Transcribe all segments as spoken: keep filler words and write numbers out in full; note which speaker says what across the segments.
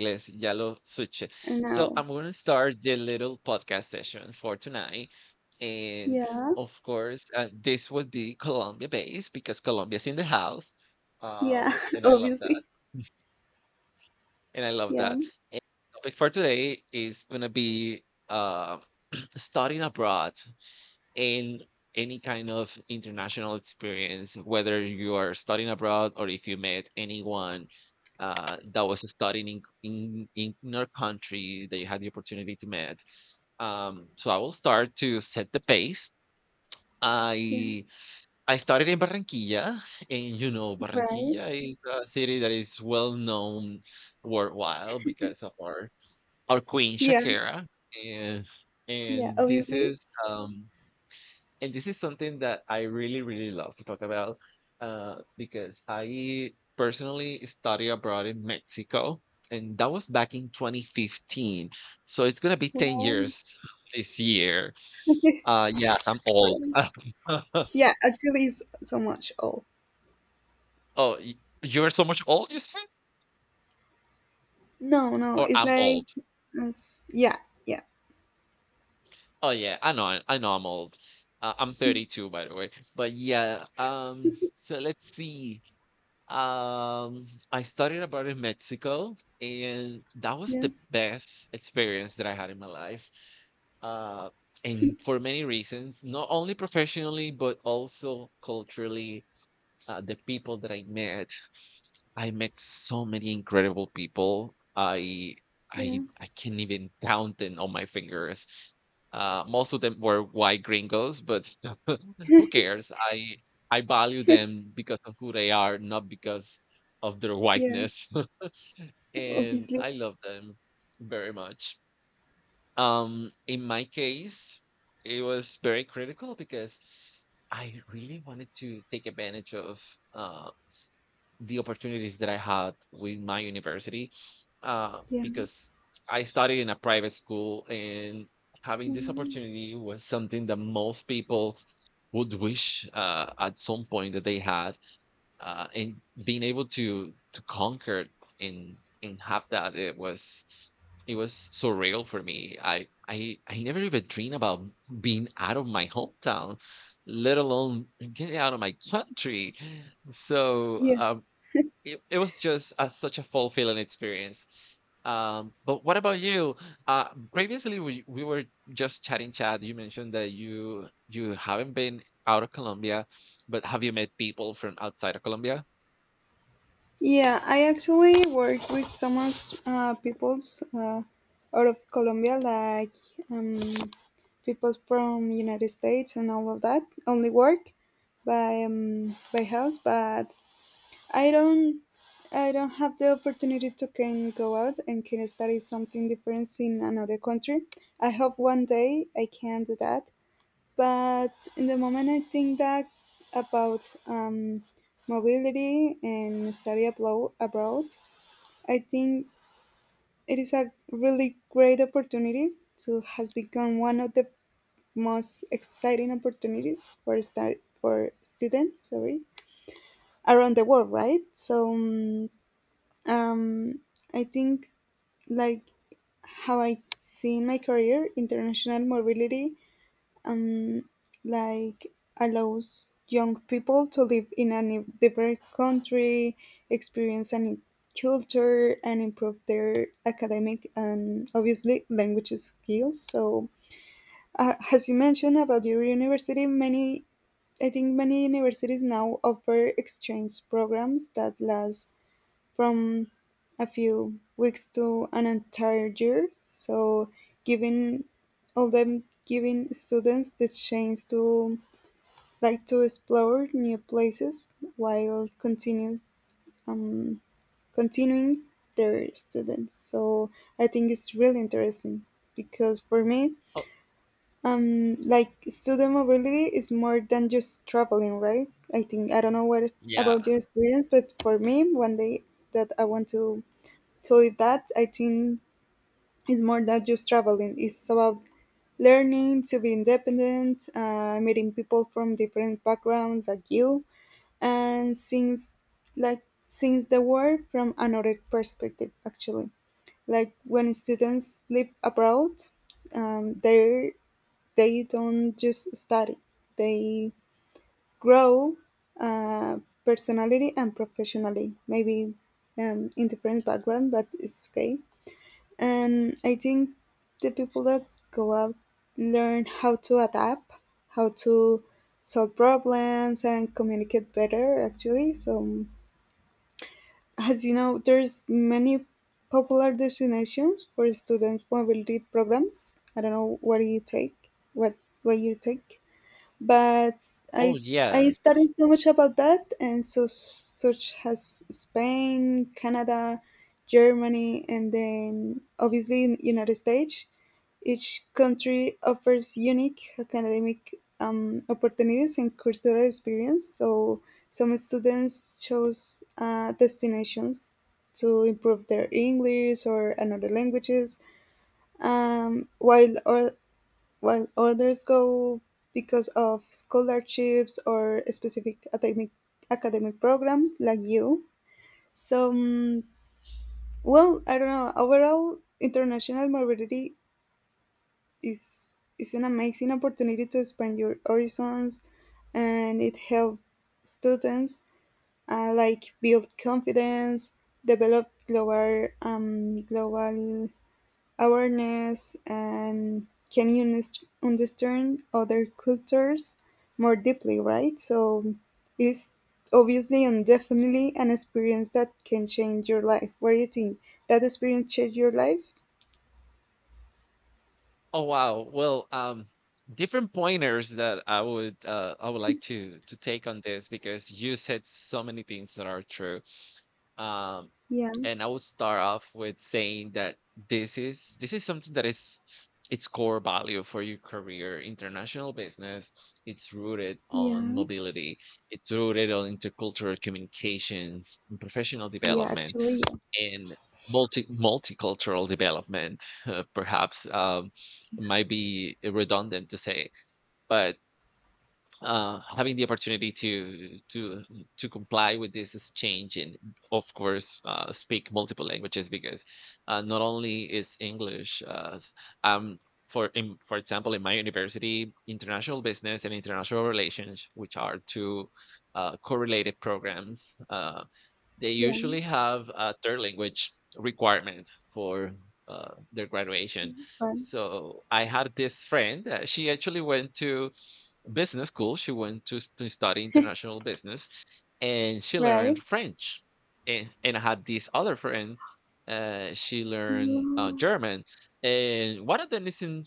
Speaker 1: Inglés, ya lo switched. So
Speaker 2: No.
Speaker 1: I'm going to start the little podcast session for tonight. And
Speaker 2: Yeah.
Speaker 1: of course, uh, this would be Colombia based because Colombia's in the house.
Speaker 2: Yeah.
Speaker 1: Um, and I love that.
Speaker 2: Obviously.
Speaker 1: And I love
Speaker 2: Yeah.
Speaker 1: that. And the topic for today is going to be uh, studying abroad in any kind of international experience, whether you are studying abroad or if you met anyone uh, that was studying in, in in your country that you had the opportunity to meet. Um, so I will start to set the pace.
Speaker 2: Yeah.
Speaker 1: I I started in Barranquilla, and you know
Speaker 2: Right.
Speaker 1: Barranquilla is a city that is well known worldwide because of our our queen
Speaker 2: Yeah.
Speaker 1: Shakira, and
Speaker 2: Yeah.
Speaker 1: and this
Speaker 2: Obviously.
Speaker 1: is um and this is something that I really, really love to talk about uh, because I personally study abroad in Mexico, and that was back in twenty fifteen. So it's gonna be ten
Speaker 2: Right.
Speaker 1: years this year. Uh, yes, I'm old.
Speaker 2: Right.
Speaker 1: oh,
Speaker 2: Yeah. Actually, it's so much. Oh.
Speaker 1: y- you're so much old, you said,
Speaker 2: No. No.
Speaker 1: or
Speaker 2: It's
Speaker 1: I'm
Speaker 2: like.
Speaker 1: old?
Speaker 2: It's- yeah. Yeah.
Speaker 1: Oh yeah, I know, I know, I'm old. Uh, I'm thirty-two, by the way. But yeah, um, so let's see. Um, I studied abroad in Mexico, and that was
Speaker 2: Yeah.
Speaker 1: the best experience that I had in my life. Uh, and for many reasons, not only professionally, but also culturally, uh, the people that I met, I met so many incredible people. I
Speaker 2: Yeah.
Speaker 1: I I can't even count them on my fingers. Uh, most of them were white gringos, but who cares? I I value them because of who they are, not because of their
Speaker 2: Yeah.
Speaker 1: whiteness. And
Speaker 2: Obviously.
Speaker 1: I love them very much. Um, in my case, it was very critical because I really wanted to take advantage of uh, the opportunities that I had with my university uh,
Speaker 2: Yeah.
Speaker 1: because I studied in a private school, and having this
Speaker 2: Mhm.
Speaker 1: opportunity was something that most people would wish uh, at some point that they had, uh, and being able to to conquer and and have that. It was, it was surreal for me. I i i never even dreamed about being out of my hometown, let alone getting out of my country. so
Speaker 2: Yeah.
Speaker 1: um, it, it was just a, such a fulfilling experience. Um, but what about you? Uh, previously, we, we were just chatting, chat. You mentioned that you you haven't been out of Colombia, but have you met people from outside of Colombia?
Speaker 2: Yeah, I actually work with some of, uh, peoples uh, out of Colombia, like um, people from United States and all of that. Only work by um, by house, but I don't I don't have the opportunity to can go out and can study something different in another country. I hope one day I can do that, but in the moment I think that about um, mobility and study ablo- abroad, I think it is a really great opportunity. So has become one of the most exciting opportunities for stu- for students, sorry, around the world, right? So um, um, I think, like, how I see my career, international mobility, um, like, allows young people to live in a new- different country, experience a new culture, and improve their academic and obviously language skills. So, uh, as you mentioned about your university, many, I think many universities now offer exchange programs that last from a few weeks to an entire year. So giving all them, giving students the chance to, like, to explore new places while continue, um, continuing their students. So I think it's really interesting because for me,
Speaker 1: Oh,
Speaker 2: um, like, student mobility is more than just traveling, right? I think I don't know what
Speaker 1: yeah.
Speaker 2: about your experience, but for me, one day that I want to, so with that, I think it's more than just traveling. It's about learning to be independent, uh, meeting people from different backgrounds like you, and things like seeing the world from another perspective. Actually, like when students live abroad, um, they they don't just study; they grow, uh, personality and professionally. Maybe um, in different background, but it's okay, and I think the people that go out learn how to adapt, how to solve problems and communicate better actually. So as you know, there's many popular destinations for student mobility programs. I don't know, what do you take? What what you take? But
Speaker 1: Oh,
Speaker 2: I I
Speaker 1: yes.
Speaker 2: studied so much about that, and so s- such as Spain, Canada, Germany, and then obviously in United States. Each country offers unique academic, um, opportunities and cultural experience. So some students chose uh, destinations to improve their English or another languages, um, while while others go because of scholarships or a specific academic academic program like you. So, mm, well, I don't know. Overall, international mobility is is an amazing opportunity to expand your horizons, and it helps students, uh, like, build confidence, develop global, um, global awareness and can you underst- understand other cultures more deeply, right? So it is obviously and definitely an experience that can change your life. What do you think? That experience changed your life?
Speaker 1: Oh, wow. Well, um, different pointers that I would uh, I would like to to take on this, because you said so many things that are true. Um,
Speaker 2: Yeah,
Speaker 1: and I would start off with saying that this is this is something that is its core value for your career. International business, it's rooted on
Speaker 2: yeah,
Speaker 1: mobility, it's rooted on intercultural communications, and professional
Speaker 2: yeah,
Speaker 1: development
Speaker 2: actually, yeah,
Speaker 1: and multi multicultural development. Uh, perhaps um, it might be redundant to say, but uh, having the opportunity to to to comply with this is change, and of course uh, speak multiple languages, because uh, not only is english uh, s- um, for in, for example, in my university, international business and international relations, which are two uh, correlated programs, uh, they
Speaker 2: yeah,
Speaker 1: usually have a third language requirement for uh, their graduation.
Speaker 2: fun,
Speaker 1: So I had this friend. Uh, she actually went to business school. She went to, to study international business, and she
Speaker 2: right?
Speaker 1: learned French. And, and I had this other friend. Uh, she learned uh,
Speaker 2: Yeah,
Speaker 1: German, and one of them is in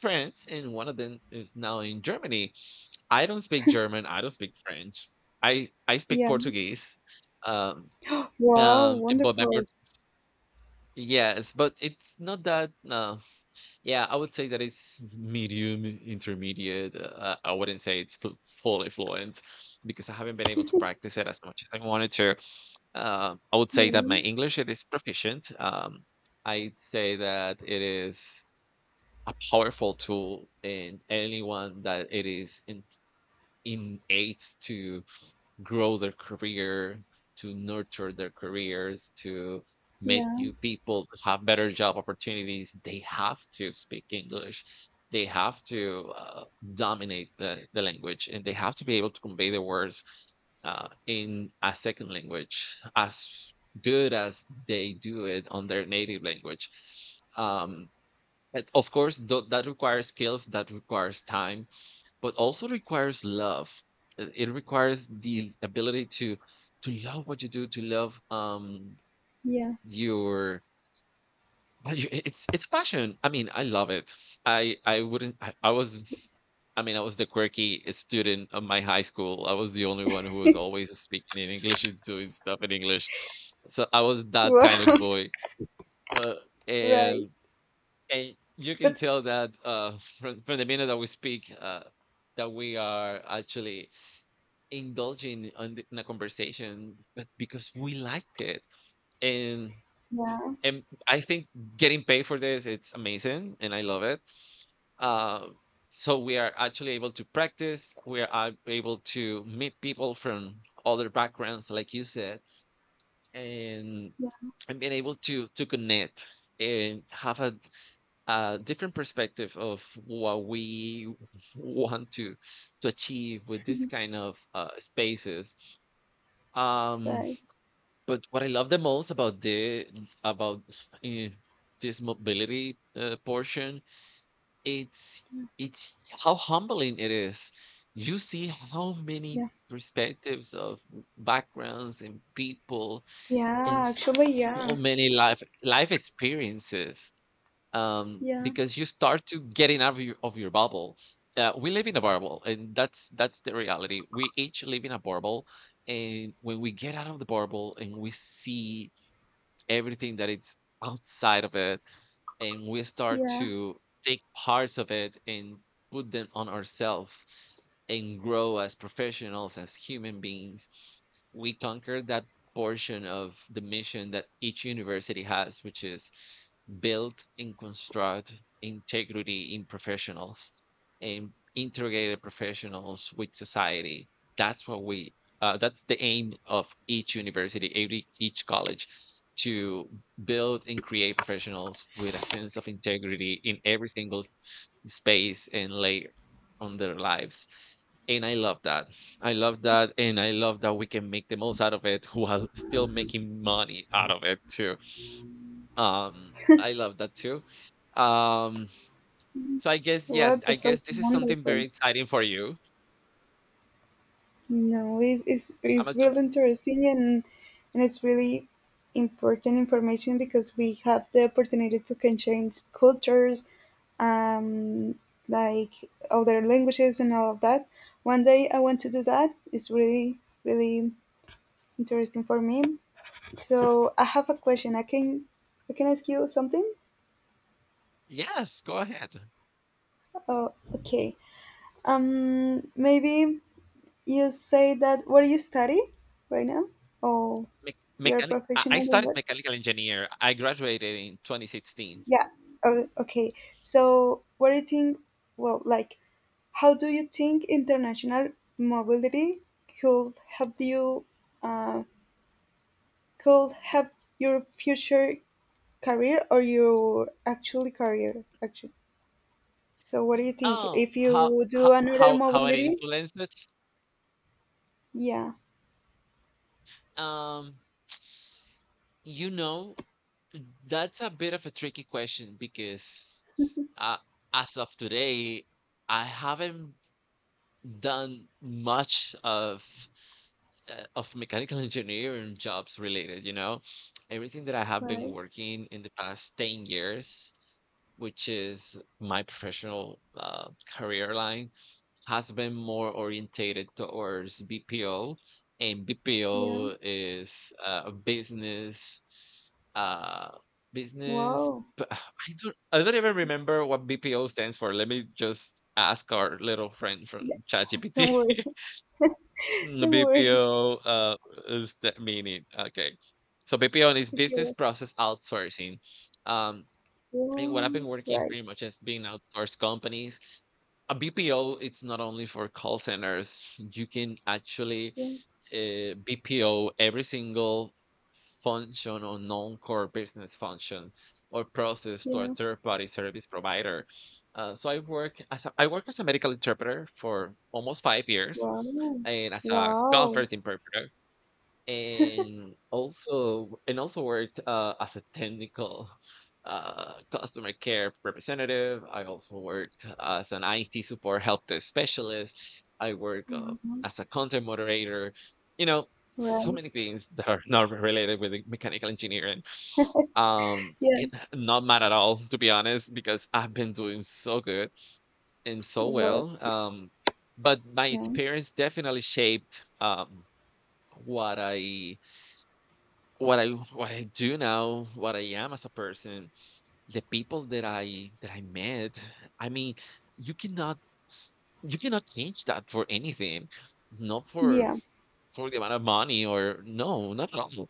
Speaker 1: France, and one of them is now in Germany. I don't speak German. I don't speak French. I I speak
Speaker 2: yeah.
Speaker 1: Portuguese. Um.
Speaker 2: Wow,
Speaker 1: Um, eh, but my part,
Speaker 2: wonderful.
Speaker 1: yes, but it's not that, no. Yeah, I would say that it's medium, intermediate. Uh, I wouldn't say it's fu- fully fluent because I haven't been able to practice it as much as I wanted to. Um, I would say
Speaker 2: Yeah,
Speaker 1: that my English it is proficient. Um, I'd say that it is a powerful tool, and anyone that it is in, innate to grow their career, to nurture their careers, to meet
Speaker 2: yeah,
Speaker 1: new people, to have better job opportunities, they have to speak English. They have to uh, dominate the, the language, and they have to be able to convey the words uh, in a second language as good as they do it on their native language. Um, and of course, tho- that requires skills, that requires time, but also requires love. It it requires the ability to to love what you do, to love um
Speaker 2: yeah.
Speaker 1: your uh, you- it- it's it's passion. I mean, I love it. I I wouldn't. I, I was. I mean, I was the quirky student of my high school. I was the only one who was always speaking in English and doing stuff in English. So I was that kind of
Speaker 2: Wow,
Speaker 1: boy. Uh,
Speaker 2: right.
Speaker 1: and and you can
Speaker 2: But
Speaker 1: tell that uh, from from the minute that we speak, uh, that we are actually indulging on the, in a conversation, but because we liked it, and
Speaker 2: yeah,
Speaker 1: and I think getting paid for this it's amazing, and I love it. uh, so we are actually able to practice, we are ab- able to meet people from other backgrounds like you said, and and being able to to connect and have a, a different perspective of what we want to to achieve with this kind of uh, spaces. um
Speaker 2: right.
Speaker 1: But what I love the most about the about eh, this mobility uh, portion, it's it's how humbling it is. You see how many
Speaker 2: Yeah,
Speaker 1: perspectives of backgrounds and people and
Speaker 2: yeah, actually, yeah,
Speaker 1: so many life life experiences. Um,
Speaker 2: yeah.
Speaker 1: because you start to getting out of your of your bubble. Uh, we live in a bubble, and that's that's the reality. We each live in a bubble, and when we get out of the bubble and we see everything that it's outside of it, and we start
Speaker 2: Yeah,
Speaker 1: to take parts of it and put them on ourselves and grow as professionals, as human beings, we conquer that portion of the mission that each university has, which is build and construct integrity in professionals, and integrated professionals with society. That's what we uh, that's the aim of each university, every, each college, to build and create professionals with a sense of integrity in every single space and layer on their lives. And I love that. I love that, and I love that we can make the most out of it while still making money out of it too. um I love that too. um so I guess, yes,
Speaker 2: what the
Speaker 1: I
Speaker 2: so
Speaker 1: guess this is something very
Speaker 2: wonderful.
Speaker 1: exciting for you.
Speaker 2: No, it's, it's,
Speaker 1: i'm
Speaker 2: it's
Speaker 1: assum-
Speaker 2: really interesting, and, and it's really important information because we have the opportunity to can change cultures, um, like other languages and all of that. One day I want to do that. It's really, really interesting for me. So I have a question. I can I can ask you something?
Speaker 1: yes, go ahead.
Speaker 2: Oh, okay. Um, maybe you say that, what do you study right now? Oh,
Speaker 1: Mech
Speaker 2: you're a
Speaker 1: mechanic, I I
Speaker 2: professional in
Speaker 1: started
Speaker 2: what?
Speaker 1: mechanical engineer. I graduated in twenty sixteen.
Speaker 2: Yeah. Oh, okay. So, what do you think? Well, like, how do you think international mobility could help you? Uh, could help your future career or your actual career? Actually, so what do you think
Speaker 1: Oh,
Speaker 2: if
Speaker 1: how
Speaker 2: you do
Speaker 1: how
Speaker 2: another
Speaker 1: how how it
Speaker 2: mobility?
Speaker 1: influenced it?
Speaker 2: Yeah.
Speaker 1: Um, you know, that's a bit of a tricky question because uh, as of today, I haven't done much of uh, of mechanical engineering jobs related. You know, everything that I have been
Speaker 2: Right.
Speaker 1: working in the past ten years, which is my professional uh, career line, has been more orientated towards B P O, and
Speaker 2: Yeah.
Speaker 1: B P O is uh, a business, uh, business.
Speaker 2: Wow.
Speaker 1: But I don't, I don't even remember what B P O stands for. Let me just ask our little friend
Speaker 2: Yeah.
Speaker 1: from ChatGPT.
Speaker 2: Don't worry.
Speaker 1: Mm,
Speaker 2: Don't worry.
Speaker 1: B P O uh, is the meaning. Okay, so B P O is business
Speaker 2: Okay.
Speaker 1: process outsourcing. Um, and what I've been
Speaker 2: Yeah,
Speaker 1: working
Speaker 2: right.
Speaker 1: pretty much as being outsourced companies, a B P O, it's not only for call centers. You can actually
Speaker 2: Yeah,
Speaker 1: uh, B P O every single function or non core business function or process to a
Speaker 2: yeah.
Speaker 1: third party service provider. Uh, so I work as a, I work as a medical interpreter for almost five years,
Speaker 2: Wow.
Speaker 1: and as a
Speaker 2: Wow.
Speaker 1: conference interpreter, and also and also worked uh, as a technical uh, customer care representative. I also worked as an I T support help desk specialist. I work uh,
Speaker 2: Wow.
Speaker 1: as a content moderator. You know, so
Speaker 2: Right.
Speaker 1: many things that are not related with the mechanical engineering. Um,
Speaker 2: Yeah.
Speaker 1: it, not mad at all, to be honest, because I've been doing so good and so
Speaker 2: What?
Speaker 1: well. Um, but my
Speaker 2: Yeah.
Speaker 1: experience definitely shaped um, what I what I what I do now, what I am as a person, the people that I that I met. I mean, you cannot, you cannot change that for anything, not for
Speaker 2: Yeah.
Speaker 1: for the amount of money or no, not at all.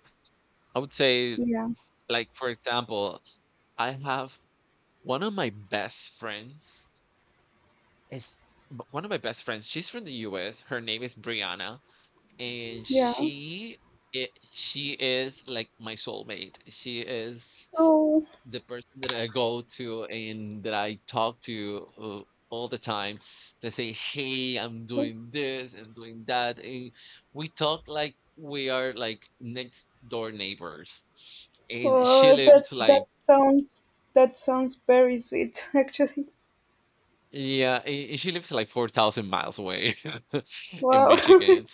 Speaker 1: I would say,
Speaker 2: Yeah.
Speaker 1: like for example, I have one of my best friends is b- one of my best friends. She's from the U S. Her name is Brianna, and
Speaker 2: Yeah.
Speaker 1: she it, she is like my soulmate. She is
Speaker 2: Oh,
Speaker 1: the person that I go to and that I talk to uh, all the time. They say, "Hey, I'm doing this, I'm doing that," and we talk like we are like next door neighbors. And she
Speaker 2: oh, that
Speaker 1: lives like
Speaker 2: that sounds that sounds very sweet actually.
Speaker 1: yeah, and and she lives like four thousand miles away in
Speaker 2: Wow.
Speaker 1: Michigan.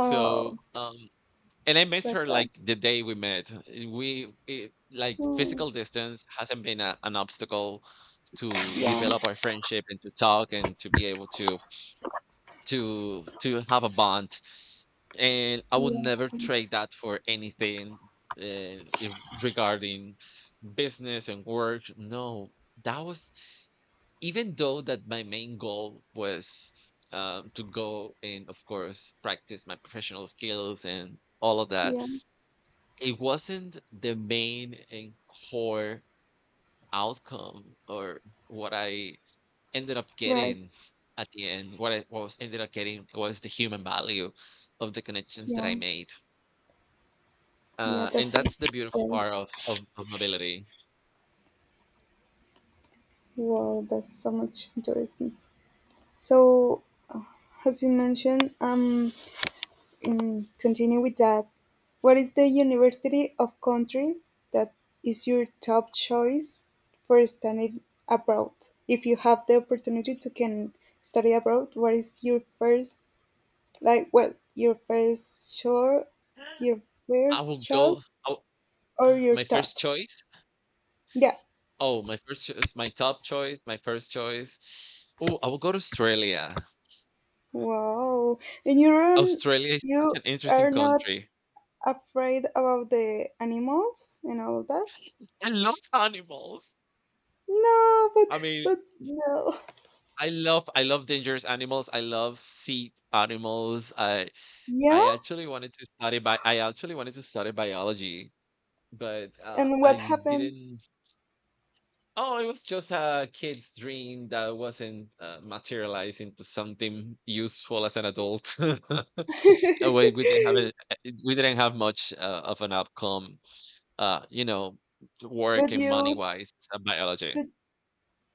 Speaker 1: So
Speaker 2: Oh,
Speaker 1: um, and I miss
Speaker 2: but
Speaker 1: her
Speaker 2: uh,
Speaker 1: like the day we met. Uh, We it, like
Speaker 2: hmm,
Speaker 1: physical distance hasn't been a, an obstacle to
Speaker 2: yeah.
Speaker 1: develop our friendship and to talk and to be able to to to have a bond. And I would
Speaker 2: Yeah.
Speaker 1: never trade that for anything uh, if- regarding business and work. No, that was even though that my main goal was uh, to go and of course practice my professional skills and all of that,
Speaker 2: Yeah.
Speaker 1: it wasn't the main and core outcome or what I ended up
Speaker 2: Right.
Speaker 1: getting at the end. What I what was ended up getting was the human value of the connections that I
Speaker 2: Yeah.
Speaker 1: made.
Speaker 2: Yeah.
Speaker 1: Uh, and
Speaker 2: That's
Speaker 1: that's the beautiful
Speaker 2: very
Speaker 1: part of, of, of mobility.
Speaker 2: wow. That's so much interesting. So, as you mentioned, um, mm, continue with that. What is the university of country that is your top choice for studying abroad? If you have the opportunity to can study abroad, what is your first, like, well, your first choice, your
Speaker 1: I
Speaker 2: first
Speaker 1: will go.
Speaker 2: choice
Speaker 1: Oh,
Speaker 2: or your
Speaker 1: my
Speaker 2: top?
Speaker 1: first choice.
Speaker 2: Yeah.
Speaker 1: Oh, my first choice. My top choice. My first choice. Oh, I will go to Australia.
Speaker 2: Wow. And you run,
Speaker 1: Australia is such
Speaker 2: you
Speaker 1: an interesting
Speaker 2: are not
Speaker 1: country.
Speaker 2: afraid about the animals and all that?
Speaker 1: I love animals.
Speaker 2: No, but
Speaker 1: I mean,
Speaker 2: but no.
Speaker 1: I love I love dangerous animals. I love sea animals. I
Speaker 2: Yeah?
Speaker 1: I actually wanted to study bi- I actually wanted to study biology, but uh,
Speaker 2: And
Speaker 1: I
Speaker 2: what happened?
Speaker 1: didn't. Oh, it was just a kid's dream that wasn't uh, materialized into something useful as an adult. Uh, we, we didn't have a, we didn't have much uh, of an outcome. Uh, you know, work
Speaker 2: But
Speaker 1: and
Speaker 2: you,
Speaker 1: money wise, biology.
Speaker 2: but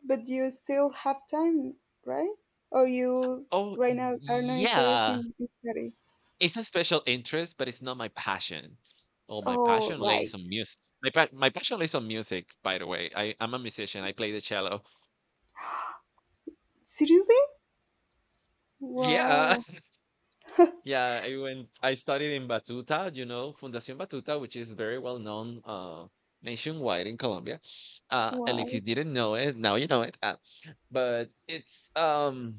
Speaker 2: but you still have time, right? Or you
Speaker 1: Oh
Speaker 2: right now are not interested
Speaker 1: yeah,
Speaker 2: in in study?
Speaker 1: it's a special interest, but it's not my passion. Oh, my
Speaker 2: Oh,
Speaker 1: passion lays
Speaker 2: right.
Speaker 1: on music. My, pa- my passion lays on music, by the way. I, I'm a musician. I play the cello.
Speaker 2: Seriously?
Speaker 1: Yeah.
Speaker 2: Wow.
Speaker 1: Yeah. I went, I studied in Batuta, you know, Fundación Batuta, which is very well known uh, nationwide in Colombia. Uh, and if you
Speaker 2: Wow.
Speaker 1: didn't know it, now you know it. Uh, but it's um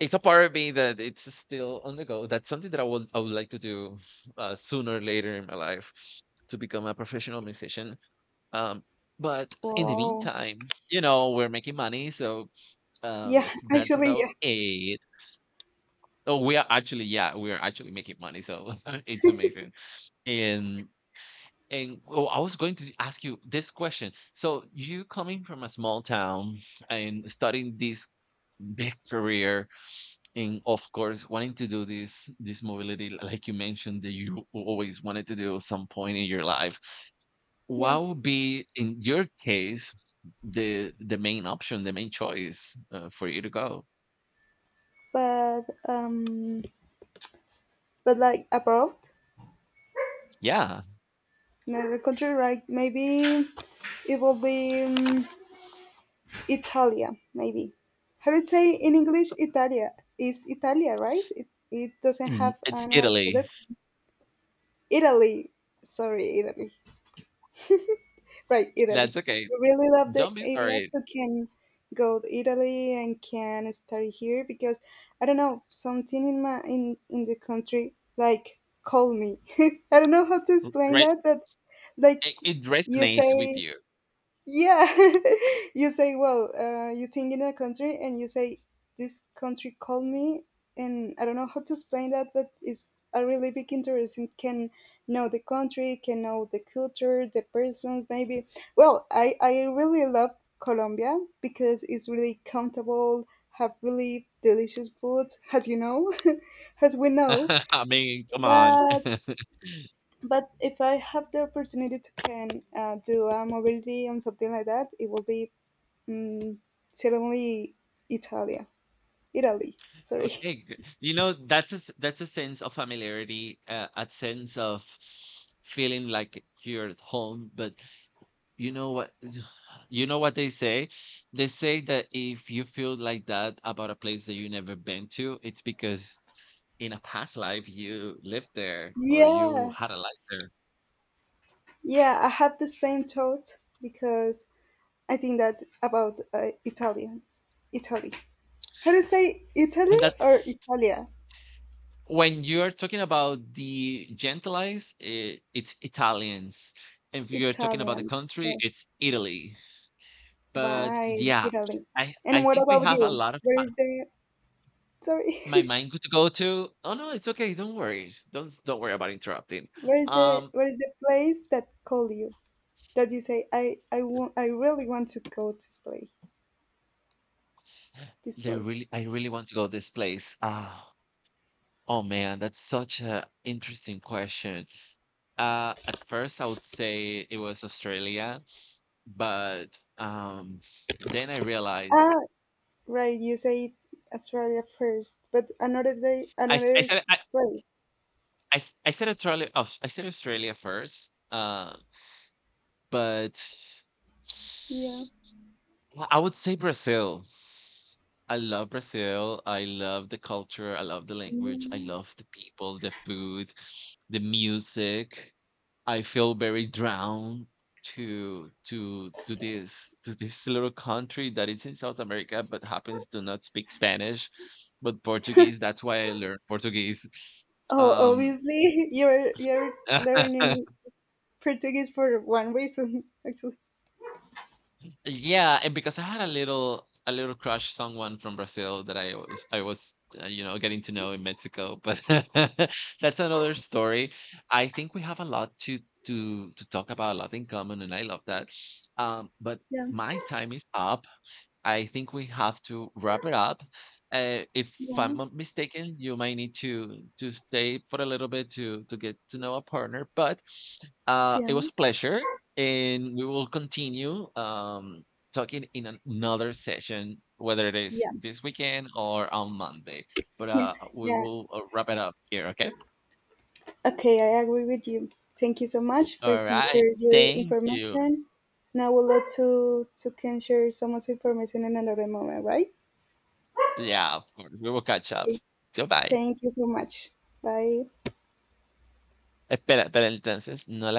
Speaker 1: it's a part of me that it's still on the go. That's something that I would I would like to do uh, sooner or later in my life to become a professional musician. Um, but in the
Speaker 2: Wow.
Speaker 1: meantime, you know, we're making money, so
Speaker 2: Yeah,
Speaker 1: um, that's
Speaker 2: actually,
Speaker 1: about
Speaker 2: yeah.
Speaker 1: it. Oh, we are actually, yeah, we are actually making money, so it's amazing. And and oh, I was going to ask you this question. So you coming from a small town and starting this big career and of course wanting to do this this mobility like you mentioned that you always wanted to do at some point in your life,
Speaker 2: Yeah.
Speaker 1: what would be in your case the the main option, the main choice uh, for you to go?
Speaker 2: But um but like abroad,
Speaker 1: Yeah.
Speaker 2: in another country, like maybe it will be, um, Italia, maybe. How do you say in English Italia? Is Italia, right? It, it doesn't
Speaker 1: Mm,
Speaker 2: have
Speaker 1: it's
Speaker 2: an
Speaker 1: Italy.
Speaker 2: other. Italy. Sorry, Italy. Right,
Speaker 1: That's
Speaker 2: Italy.
Speaker 1: okay,
Speaker 2: I really love the
Speaker 1: don't be
Speaker 2: idea
Speaker 1: sorry.
Speaker 2: to can go to Italy and can study here because I don't know something in my in in the country like call me. I don't know how to explain
Speaker 1: Right,
Speaker 2: that, but, like,
Speaker 1: it, it
Speaker 2: you
Speaker 1: resonates with
Speaker 2: say.
Speaker 1: you.
Speaker 2: Yeah, you say, well, uh, you think in a country and you say, this country called me, and I don't know how to explain that, but it's a really big interest and can know the country, can know the culture, the persons, maybe. Well, I, I really love Colombia because it's really comfortable, have really delicious food, as you know, as we know.
Speaker 1: I mean, come on.
Speaker 2: But but if I have the opportunity to can, uh, do a mobility and something like that, it will be, mm, certainly Italia. Italy, sorry.
Speaker 1: okay gr- You know, that's a s- that's a sense of familiarity, uh, a sense of feeling like you're at home. But you know what? You know what they say? They say that if you feel like that about a place that you never been to, it's because in a past life you lived there or you
Speaker 2: Yeah,
Speaker 1: had a life there.
Speaker 2: yeah, I have the same thought because I think that about, uh, Italian. Italy. How do you say Italy
Speaker 1: And that,
Speaker 2: or Italia?
Speaker 1: when you're talking about the gentilize, i- it's Italians. If you're talking about the
Speaker 2: Italians.
Speaker 1: country,
Speaker 2: Right,
Speaker 1: it's Italy. But
Speaker 2: right,
Speaker 1: yeah,
Speaker 2: Italy.
Speaker 1: I I
Speaker 2: And what
Speaker 1: think we
Speaker 2: about
Speaker 1: have a
Speaker 2: you?
Speaker 1: lot of
Speaker 2: Where
Speaker 1: uh,
Speaker 2: is the,
Speaker 1: my
Speaker 2: sorry?
Speaker 1: mind to go to. Oh no, it's okay. Don't worry. Don't don't worry about interrupting.
Speaker 2: Where is the,
Speaker 1: Um.
Speaker 2: where is the place that call you? That you say, I I want I really want to go to this place. This
Speaker 1: They
Speaker 2: place.
Speaker 1: really, I really want to go this place. Ah, oh man, that's such a interesting question. Uh, at first, I would say it was Australia, but um, then I realized
Speaker 2: Ah, right, you say Australia first, but another day,
Speaker 1: I, s- I
Speaker 2: another
Speaker 1: said I,
Speaker 2: place.
Speaker 1: I, s- I said Australia Aus- I said Australia first, uh, but
Speaker 2: Yeah.
Speaker 1: I would say Brazil. I love Brazil. I love the culture. I love the language. I
Speaker 2: Yeah.
Speaker 1: love the people, the food, the music. I feel very drawn to to to this to this little country that it's in South America but happens to not speak Spanish but Portuguese. That's why I learned Portuguese.
Speaker 2: Oh,
Speaker 1: Um.
Speaker 2: obviously, you're you're learning Portuguese for one reason, actually.
Speaker 1: Yeah, and because I had a little a little crush someone from Brazil that I was I was uh, you know, getting to know in Mexico, but that's another story. I think we have a lot to to to talk about, a lot in common, and I love that. Um, but
Speaker 2: Yeah.
Speaker 1: my time is up. I think we have to wrap it up. Uh, if
Speaker 2: Yeah.
Speaker 1: I'm not mistaken, you might need to to stay for a little bit to to get to know a partner, but uh, it
Speaker 2: Yeah.
Speaker 1: was a pleasure, and we will continue um, talking in an- another session, whether it is
Speaker 2: Yeah.
Speaker 1: this weekend or on Monday. But uh, we
Speaker 2: Yeah.
Speaker 1: will uh, wrap it up here, okay?
Speaker 2: Okay, I agree with you. Thank you so much for
Speaker 1: All
Speaker 2: can
Speaker 1: right.
Speaker 2: share your
Speaker 1: Thank you.
Speaker 2: information. Now we'll let to to can share someone's information in another moment, right?
Speaker 1: Yeah, of course. We will catch up.
Speaker 2: Okay.
Speaker 1: Goodbye.
Speaker 2: Thank you so much. Bye.
Speaker 1: Espera, espera, entonces, no la